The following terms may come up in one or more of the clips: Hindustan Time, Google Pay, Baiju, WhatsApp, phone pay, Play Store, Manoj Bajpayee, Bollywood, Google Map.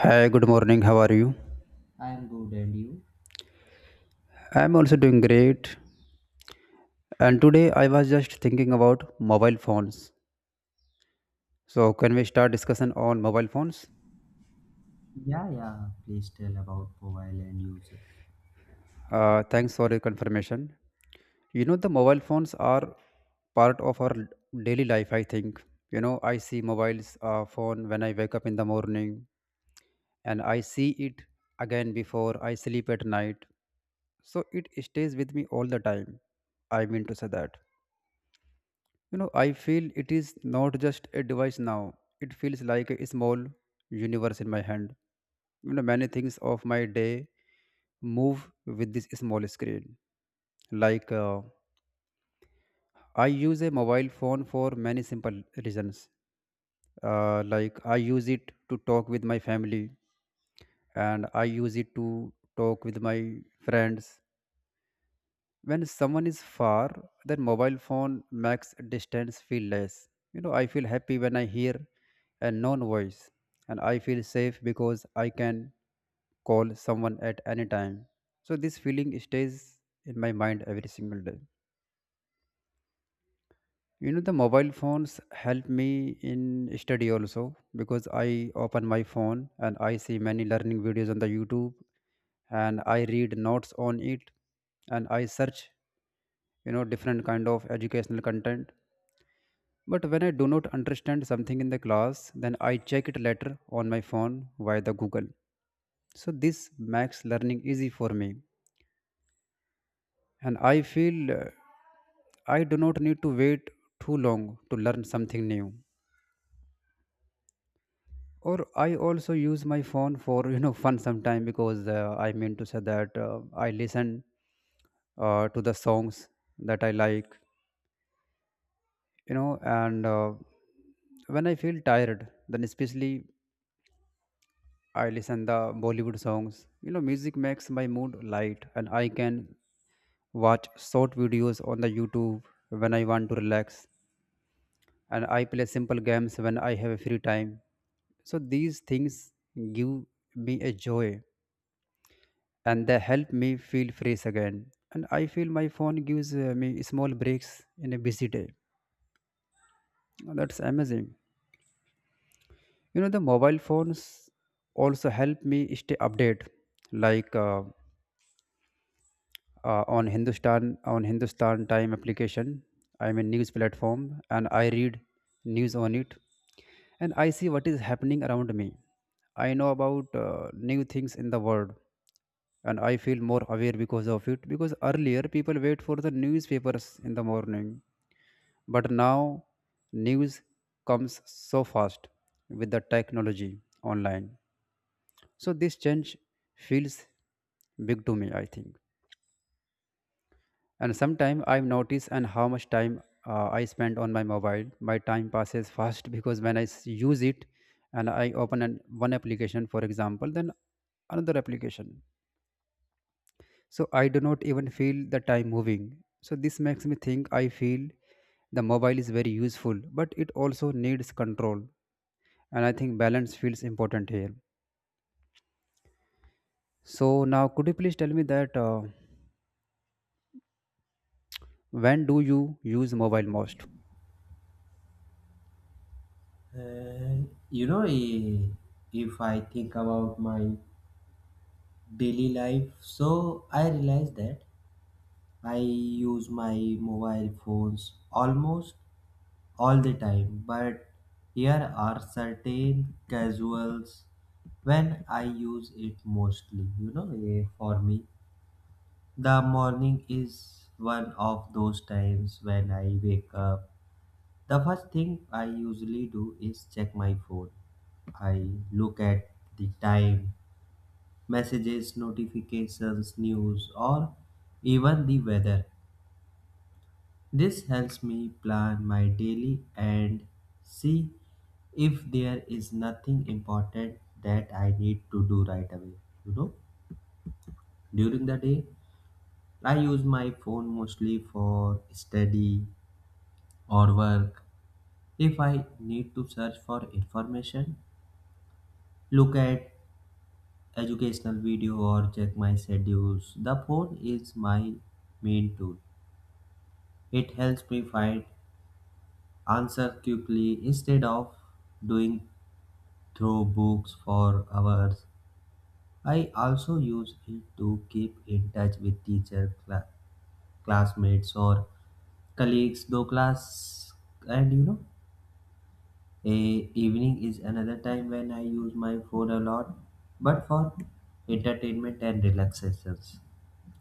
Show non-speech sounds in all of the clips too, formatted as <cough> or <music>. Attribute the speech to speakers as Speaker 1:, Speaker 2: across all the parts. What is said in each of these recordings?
Speaker 1: Hi, good morning. How are you?
Speaker 2: I am good, and you?
Speaker 1: I'm also doing great. And today I was just thinking about mobile phones. So, can we start discussion on mobile phones?
Speaker 2: Yeah, yeah. Please tell about mobile and uses.
Speaker 1: Thanks for your confirmation. The mobile phones are part of our daily life, I think. I see mobiles phone when I wake up in the morning and I see it again before I sleep at night. So, it stays with me all the time. I mean to say that. I feel it is not just a device now. It feels like a small universe in my hand. Many things of my day move with this small screen. Like uh, I use a mobile phone for many simple reasons. Like I use it to talk with my family, and I use it to talk with my friends. When someone is far, then mobile phone makes distance feel less. I feel happy when I hear a known voice, and I feel safe because I can call someone at any time. So this feeling stays in my mind every single day. The mobile phones help me in study also, because I open my phone and I see many learning videos on the YouTube, and I read notes on it, and I search, different kind of educational content. But when I do not understand something in the class, then I check it later on my phone via the Google. So this makes learning easy for me, and I feel I do not need to wait too long to learn something new. Or I also use my phone for fun sometime, because I listen to the songs that I like, you know and when I feel tired, then especially I listen the Bollywood songs. You know, music makes my mood light, and I can watch short videos on the YouTube when I want to relax. And I play simple games when I have a free time. So these things give me a joy, and they help me feel fresh again. And I feel my phone gives me small breaks in a busy day. That's amazing. You know, the mobile phones also help me stay updated, like uh, on Hindustan Time application. I'm a news platform and I read news on it, and I see what is happening around me. I know about new things in the world, and I feel more aware because of it, because earlier people wait for the newspapers in the morning, but now news comes so fast with the technology online. So this change feels big to me, I think. And sometimes I notice and how much time I spend on my mobile. My time passes <laughs> fast, because when use it and I open one application, for example, then another application. So I do not even feel the time moving. So this makes me think I feel the mobile is very useful, but it also needs control. And I think balance feels important here. So now, could you please tell me that when do you use mobile most?
Speaker 2: Uh, you know, eh, if I think about my daily life, so I realize that I use my mobile phones almost all the time. But here are certain casuals when I use it mostly. For me, the morning is one of those times when I wake up. The first thing I usually do is check my phone. I look at the time, messages, notifications, news, or even the weather. This helps me plan my daily and see if there is nothing important that I need to do right away. You know, during the day, I use my phone mostly for study or work. If I need to search for information, look at educational video or check my schedules. The phone is my main tool. It helps me find answer quickly instead of doing through books for hours. I also use it to keep in touch with teacher, classmates or colleagues, though class and you know evening is another time when I use my phone a lot, but for entertainment and relaxations.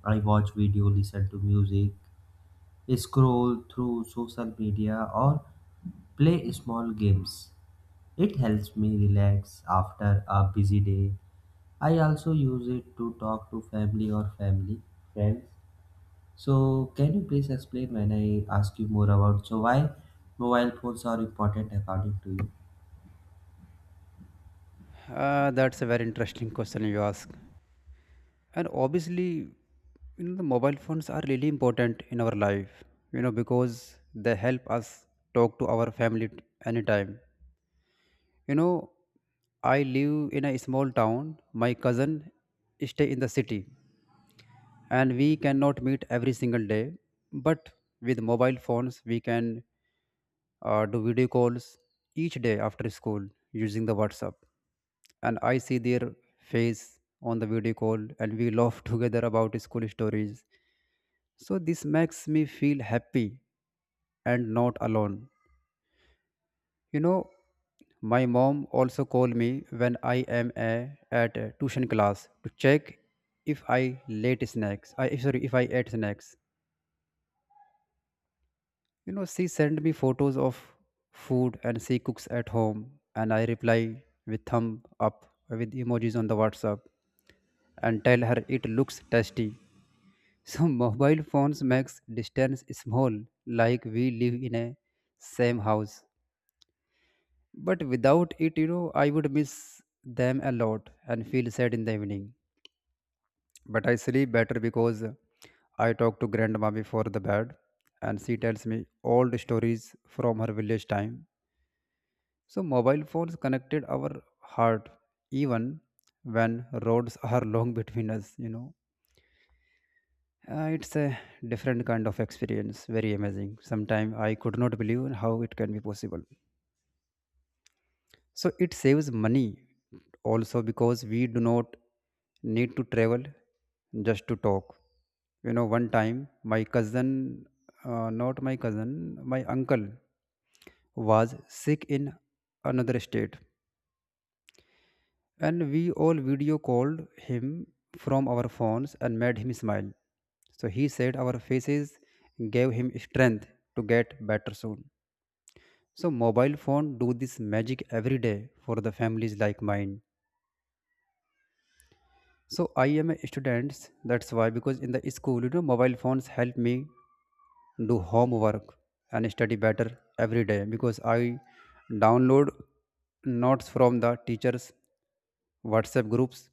Speaker 2: I watch video, listen to music, scroll through social media, or play small games. It helps me relax after a busy day. I also use it to talk to family or family friends. So, can you please explain when I ask you more about so why mobile phones are important according to you?
Speaker 1: That's a very interesting question you ask. And obviously, the mobile phones are really important in our life, because they help us talk to our anytime. you know I live in a small town, my cousin stay in the city, and we cannot meet every single day. But with mobile phones we can do video calls each day after school using the WhatsApp. And I see their face on the video call, and we laugh <laughs> together about school stories. So this makes me feel happy and not alone. You know, my mom also called me when I am at a tuition class to check if I late snacks. I sorry, if I ate snacks. You know, she sent me photos of food and she cooks at home, and I reply with thumb up with emojis on the WhatsApp and tell her it looks tasty. So <laughs> mobile phones makes distance small, like we live in a same house. But without it, you know, I would miss them a lot and feel sad in the evening. But I sleep better because I talk to grandma before the bed, and she tells me old stories from her village time. So mobile phones connected our heart even when roads <laughs> are long between us, you know. It's a different kind of experience, very amazing. Sometimes I could not believe how it can be possible. So it saves money also, because we do not need to travel just to talk. You know, one time my cousin, not my cousin, my uncle was sick in another state, and we all video called him from our phones and made him smile. So he said our faces gave him strength to get better soon. So mobile phone do this magic every day for the families like mine. So I am a student. That's why, because in the school, you know, mobile phones help me do homework and study better every day, because I download notes from the teachers' WhatsApp groups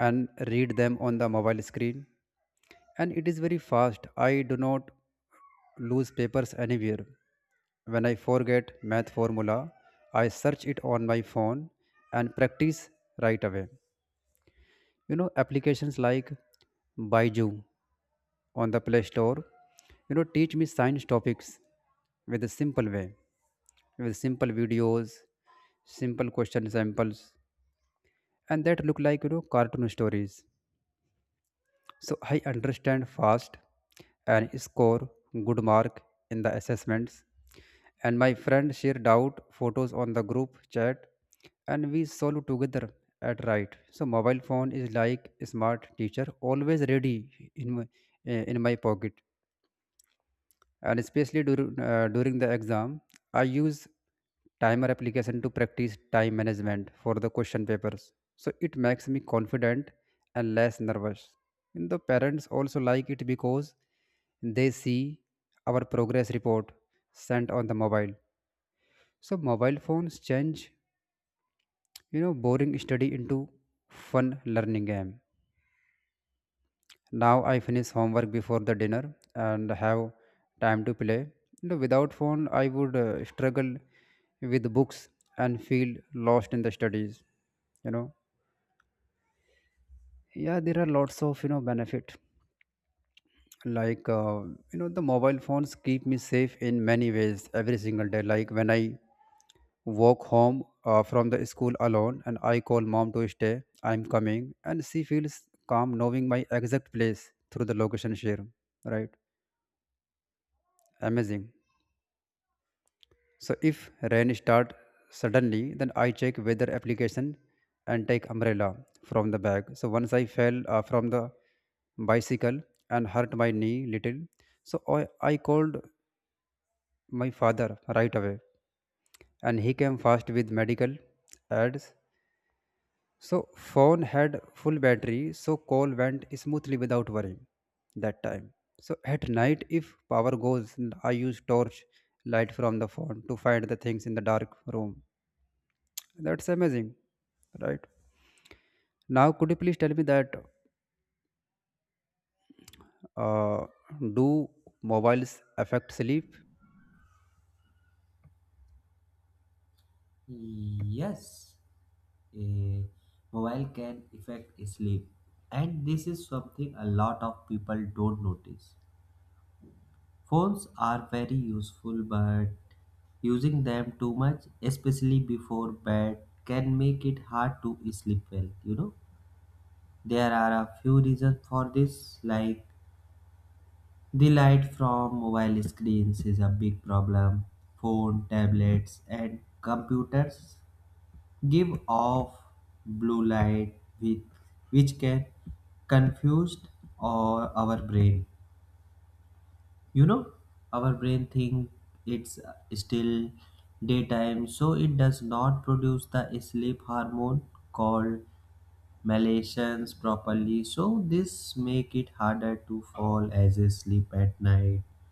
Speaker 1: and read them on the mobile screen. And it is very fast. I do not lose papers anywhere. When I forget math formula, I search it on my phone and practice right away. Applications like Baiju on the Play Store, you know, teach me science topics with a simple way, with simple videos, simple question samples, and that look like cartoon stories. So I understand fast and score good mark in the assessments. And my friend shared out photos on the group chat, and we solve together at right. So mobile phone is like a smart teacher always ready in in my pocket. And especially during the exam, I use timer application to practice time management for the question papers. So it makes me confident and less nervous. And the parents also like it, because they see our progress report sent on the mobile. So mobile phones change boring study into fun learning game. Now I finish homework before the dinner and have time to play. You know, without phone, I would struggle with books and feel lost in the studies. You know, yeah, there are lots of benefit. Like uh, the mobile phones keep me safe in many ways every single day. Like when I walk home from the school alone, and I call mom to stay I'm coming, and she feels calm knowing my exact place through the location share. Right, amazing. So if rain start suddenly, then I check weather application and take umbrella from the bag. So once I fell from the bicycle and hurt my knee little, so I called my father right away, and he came fast with medical ads. So phone had full battery, so call went smoothly without worrying that time. So at night, if power goes, I use torch light from the phone to find the things in the dark room. That's amazing, right? Now, could you please tell me that uh, do mobiles affect sleep?
Speaker 2: Yes, a mobile can affect sleep, and this is something a lot of people don't notice. Phones are very useful, but using them too much, especially before bed, can make it hard to sleep well. You know, there are a few reasons for this, like the light from mobile screens is a big problem. Phone, tablets, and computers give off blue light with, which can confuse our brain. You know, our brain think it's still daytime, so it does not produce the sleep hormone called melatonin properly. So this make it harder to fall as a sleep at night,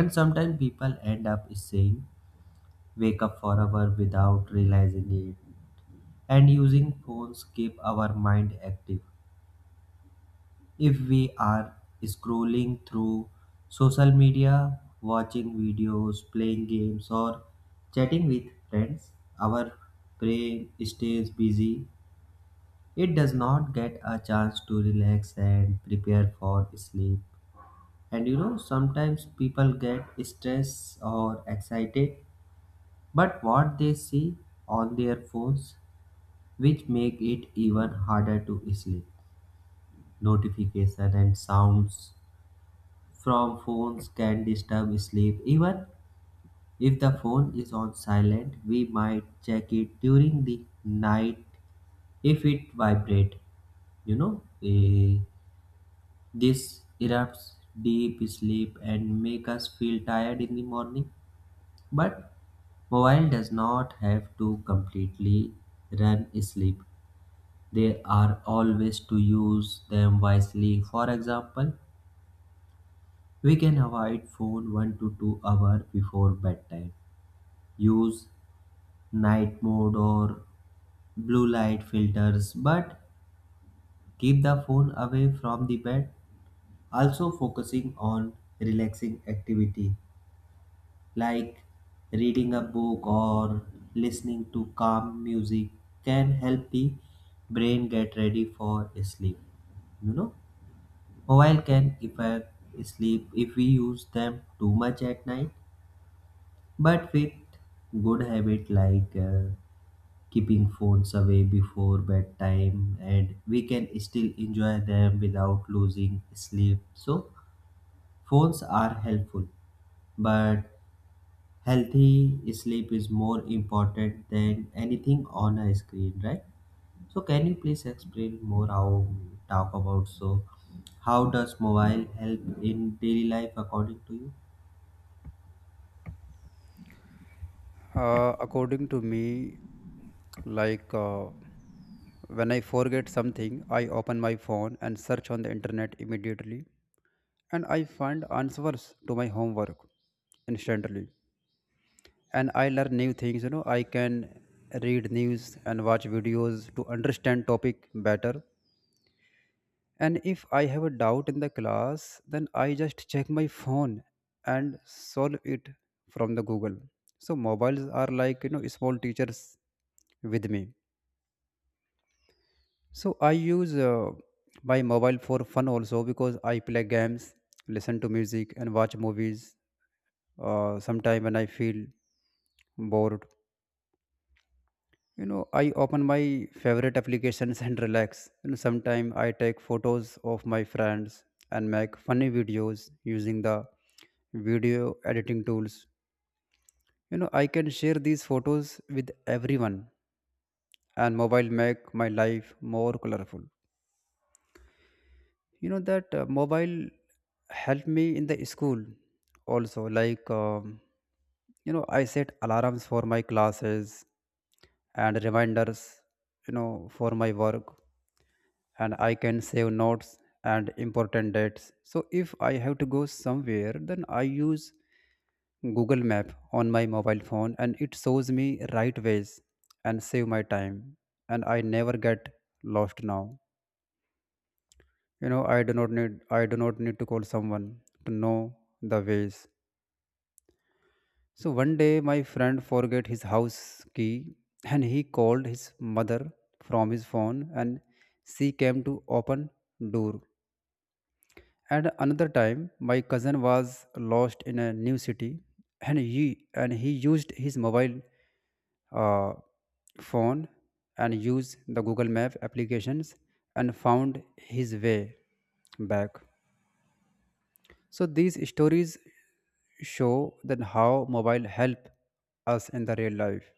Speaker 2: and sometimes people end up saying wake up for hour without realizing it. And using phones keep our mind active. If we are scrolling through social media, watching videos, playing games, or chatting with friends, our brain stays busy. It does not get a chance to relax and prepare for sleep. And you know, sometimes people get stressed or excited, but what they see on their phones, which make it even harder to sleep. Notifications, and sounds from phones can disturb sleep. Even if the phone is on silent, we might check it during the night if it vibrates. You know, eh, this erupts deep sleep and make us feel tired in the morning. But mobile does not have to completely run sleep. They are always to use them wisely. For example, we can avoid phone 1 to 2 hour before bedtime. Use night mode or blue light filters, but keep the phone away from the bed. Also focusing on relaxing activity like reading a book or listening to calm music can help the brain get ready for sleep. You know, mobile can affect sleep if we use them too much at night. But with good habit like keeping phones away before bedtime and we can still enjoy them without losing sleep. So phones are helpful, but healthy sleep is more important than anything on a screen, right? So can you please explain more how talk about so how does mobile help in daily life according to you?
Speaker 1: According to me, like uh, when I forget something, I open my phone and search on the internet immediately, and I find answers to my homework instantly. And I learn new things. You know, I can read news and watch videos to understand topic better. And if I have a doubt in the class, then I just check my phone and solve it from the Google. So mobiles are like small teachers with me. So I use my mobile for fun also, because I play games, listen to music, and watch movies. Sometime when I feel bored, I open my favorite applications and relax. Sometimes I take photos of my friends and make funny videos using the video editing tools. I can share these photos with everyone, and mobile make my life more colorful. You know that mobile helped me in the school also, I set alarms for my classes and reminders, for my work, and I can save notes and important dates. So if I have to go somewhere, then I use Google Map on my mobile phone, and it shows me right ways and save my time, and I never get lost now. You know, I do not need to call someone to know the ways. So one day my friend forget his house key and he called his mother from his phone and she came to open door. And another time, my cousin was lost in a new city, and he used his mobile uh, phone and used the Google Map applications and found his way back. So these stories show that how mobile help us in the real life.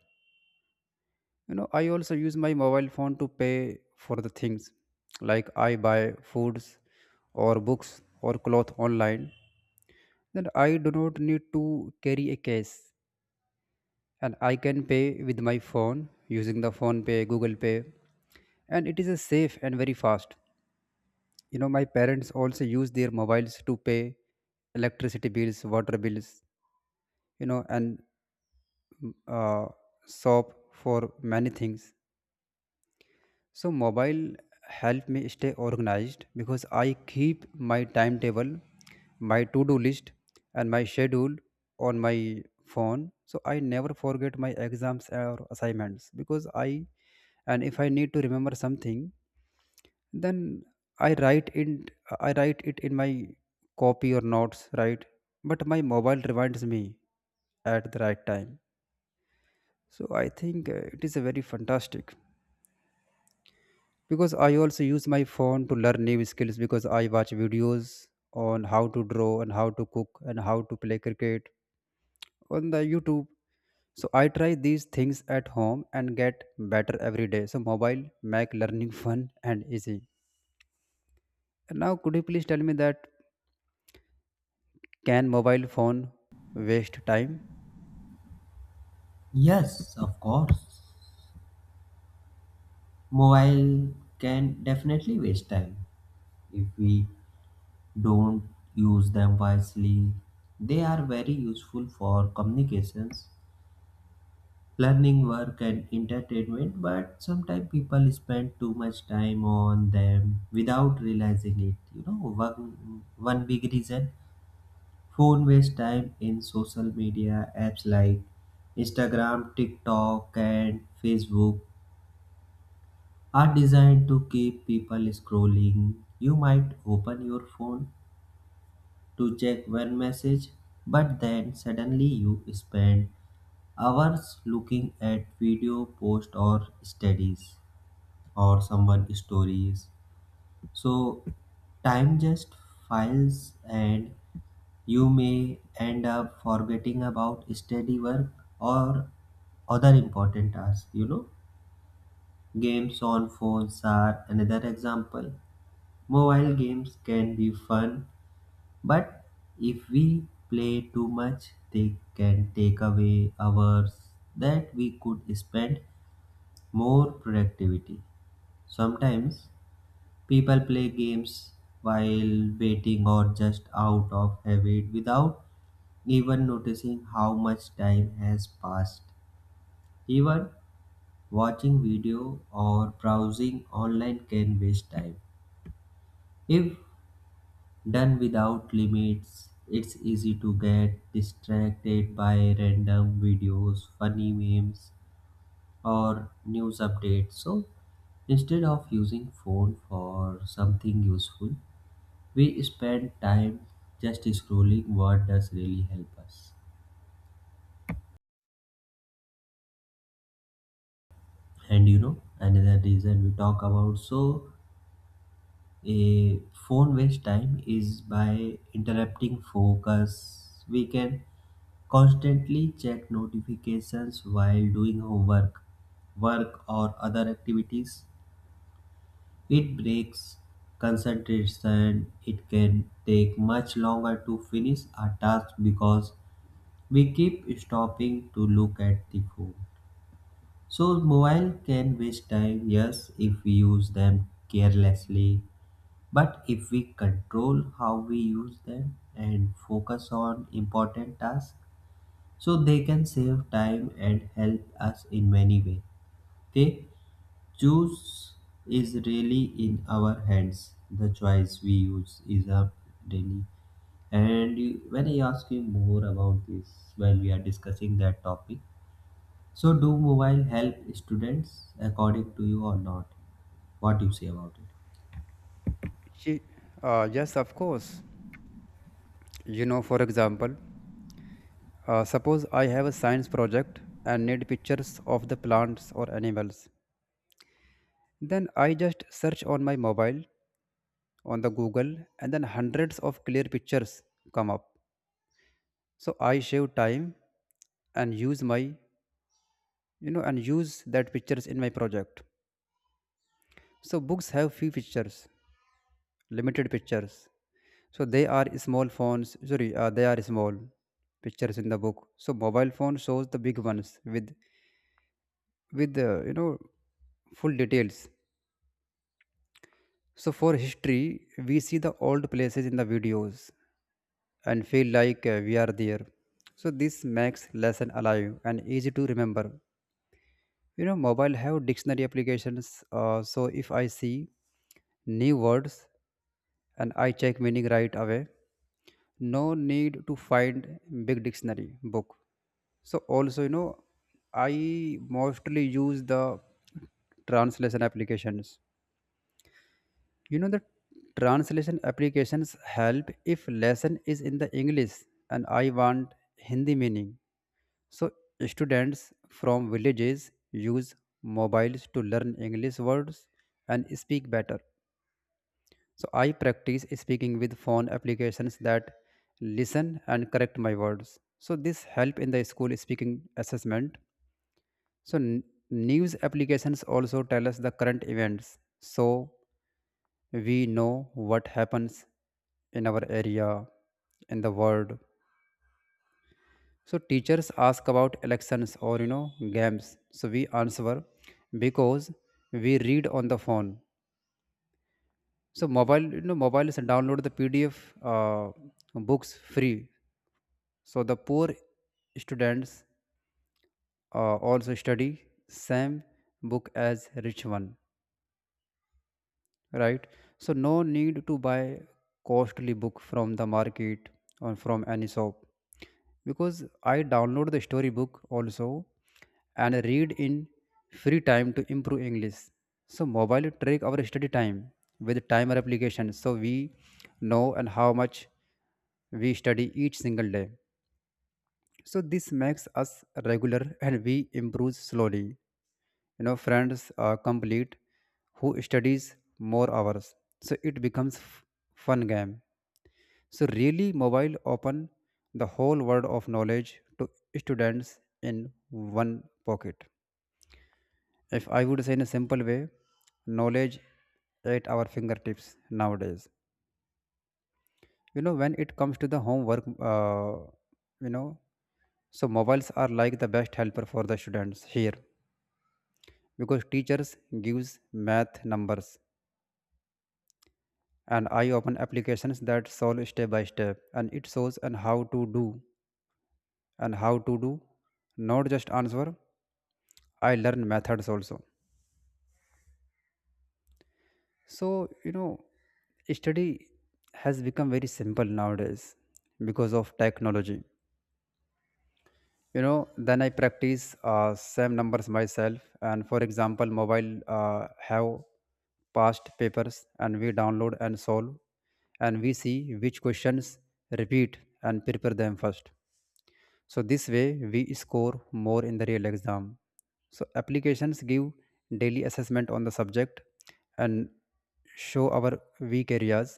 Speaker 1: I also use my mobile phone to pay for the things like I buy foods or books or cloth online. Then I do not need to carry a cash, and I can pay with my phone using the phone pay, Google Pay. And it is a safe and very fast. My parents also use their mobiles to pay electricity bills, water bills, and uh, shop for many things. So mobile help me stay organized because I keep my timetable, my to-do list, and my schedule on my phone. So I never forget my exams or assignments because I, and if I need to remember something, then I write in I write it in my copy or notes, right? But my mobile reminds me at the right time. So I think it is a very fantastic. Because I also use my phone to learn new skills because I watch videos on how to draw and how to cook and how to play cricket on the YouTube. So I try these things at home and get better every day. So mobile make learning fun and easy. And now could you please tell me that can mobile phone waste time?
Speaker 2: Yes, of course. Mobile can definitely waste time if we don't use them wisely. They are very useful for communications, learning, work, and entertainment, but sometimes people spend too much time on them without realizing it. You know, one big reason phone waste time in social media apps like Instagram, TikTok, and Facebook are designed to keep people scrolling. You might open your phone to check one message, but then suddenly you spend hours looking at video posts or studies or someone's stories. So time just files and you may end up forgetting about study work or other important tasks. You know, games on phones are another example. Mobile games can be fun, but if we play too much, they can take away hours that we could spend more productivity. Sometimes people play games while waiting or just out of habit without even noticing how much time has passed. Even watching video or browsing online can waste time. If done without limits. It's easy to get distracted by random videos, funny memes, or news updates. So instead of using phone for something useful, we spend time just scrolling what does really help us. And you know, another reason we talk about so a phone waste time is by interrupting focus. We can constantly check notifications while doing homework, work, or other activities. It breaks concentration. It can take much longer to finish a task because we keep stopping to look at the phone. So, mobile can waste time, yes, if we use them carelessly but if we control how we use them and focus on important tasks, so they can save time and help us in many ways. They choose is really in our hands. The choice we use is up daily. And you- when I ask you more about this while we are discussing that topic, so do mobile help students according to you or not? What do you say about it?
Speaker 1: Ye- yes, of course. You know, for example, suppose I have a science project and need pictures of the plants or animals. Then I just search on my mobile, on the Google, and then hundreds of clear pictures come up. So I save time and use my, you know, and use that pictures in my project. So books have few pictures, limited pictures. So they are small phones. Sorry, they are small pictures in the book. So mobile phone shows the big ones with with full details. So for history, we see the old places in the videos and feel like we are there. So this makes lesson alive and easy to remember. You know, mobile have dictionary applications. So if I see new words and I check meaning right away, no need to find big dictionary book. So also, you know, I mostly use the translation applications. You know, the translation applications help if lesson is in the English and I want Hindi meaning. So, students from villages use mobiles to learn English words and speak better. So, I practice speaking with phone applications that listen and correct my words. So, this help in the school speaking assessment. So, n- News applications also tell us the current events. So, we know what happens in our area, in the world. So teachers ask about elections or you know games. So we answer because we read on the phone. So mobile, you know, mobiles download the PDF uh, books free. So the poor students also study same book as rich one. Right. So no need to buy costly book from the market or from any shop because I download the storybook also and read in free time to improve English. So mobile track our study time with timer application, so we know and how much we study each single day. So this makes us regular and we improve slowly. You know, friends are complete who studies more hours. So it becomes fun game. So really mobile open the whole world of knowledge to students in one pocket. If I would say in a simple way, knowledge at our fingertips nowadays. You know, when it comes to the homework, uh, you know so mobiles are like the best helper for the students here because teachers gives math numbers, and I open applications that solve step by step and it shows and how to do and how to do not just answer. I learn methods also. So you know, study has become very simple nowadays because of technology. You know, then I practice same numbers myself, and for example mobile have past papers and we download and solve and we see which questions repeat and prepare them first. So this way we score more in the real exam. So applications give daily assessment on the subject and show our weak areas.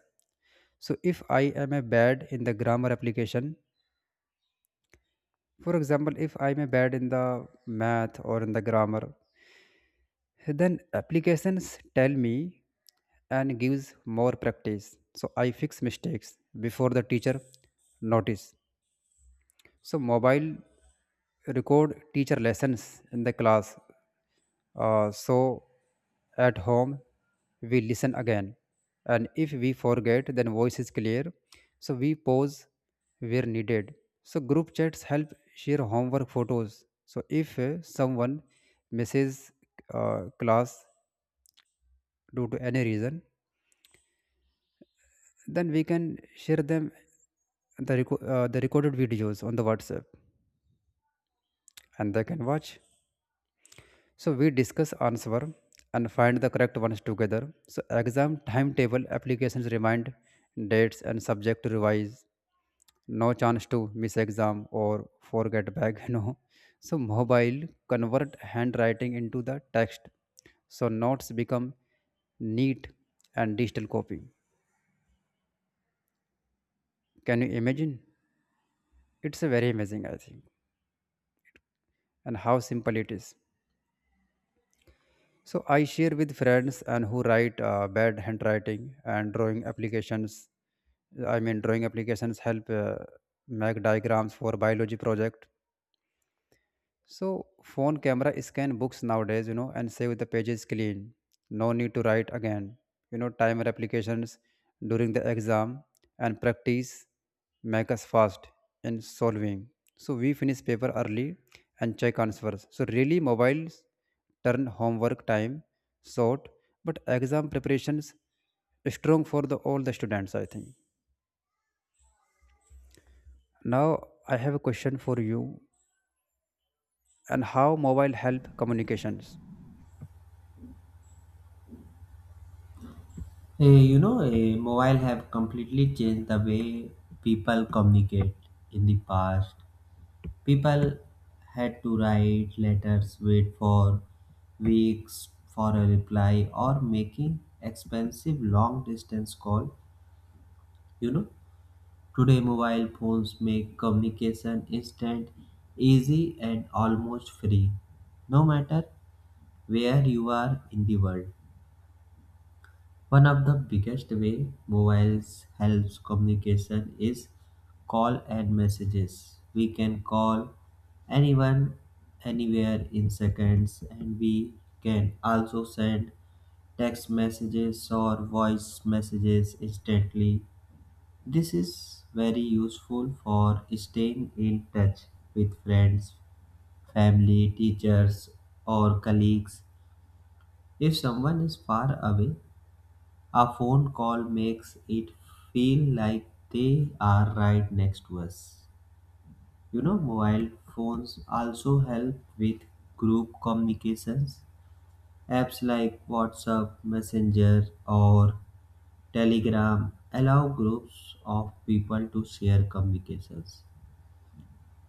Speaker 1: So if I am a bad in the grammar application, For example, if I am a bad in the math or in the grammar, then applications tell me and gives more practice. So I fix mistakes before the teacher notice. So mobile record teacher lessons in the class. So at home, we listen again. And if we forget, then voice is clear. So we pause where needed. So group chats help share homework photos. So if someone misses class due to any reason, then we can share them the recorded videos on the WhatsApp and they can watch. So we discuss answer and find the correct ones together. So exam timetable applications remind dates and subject to revise. No chance to miss exam or forget bag. <laughs> No. So mobile convert handwriting into the text. So notes become neat and digital copy. Can you imagine? It's a very amazing, I think, and how simple it is. So I share with friends and who write bad handwriting and drawing applications. I mean, drawing applications help make diagrams for biology project. So phone camera scan books nowadays, you know, and save the pages clean. No need to write again. You know, timer applications during the exam and practice make us fast in solving. So we finish paper early and check answers. So really mobiles turn homework time short, but exam preparations strong for the all the students, I think. Now I have a question for you and how mobile help communications.
Speaker 2: Mobile have completely changed the way people communicate. In the past, people had to write letters, wait for weeks for a reply, or making expensive long distance call. You know, today mobile phones make communication instant, easy, and almost free, no matter where you are in the world. One of the biggest way mobiles helps communication is call and messages. We can call anyone anywhere in seconds and we can also send text messages or voice messages instantly. This is very useful for staying in touch with friends, family, teachers, or colleagues. If someone is far away, a phone call makes it feel like they are right next to us. You know, mobile phones also help with group communications. Apps like WhatsApp, Messenger, or Telegram allow groups of people to share communications,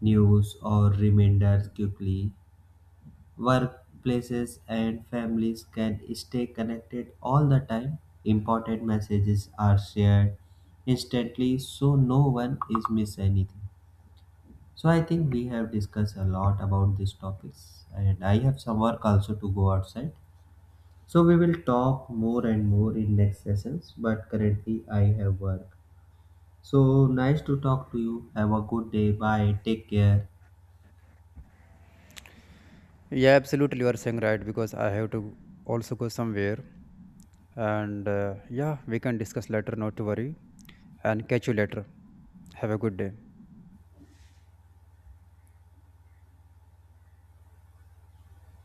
Speaker 2: news, or reminders quickly. Workplaces and families can stay connected all the time. Important messages are shared instantly so no one is miss anything. So I think we have discussed a lot about these topics and I have some work also to go outside. So we will talk more and more in next sessions but currently I have work. So nice to talk to you. Have a good day. Bye. Take care.
Speaker 1: Yeah, absolutely. You are saying right because I have to also go somewhere. And yeah, we can discuss later, not to worry. And catch you later. Have a good day.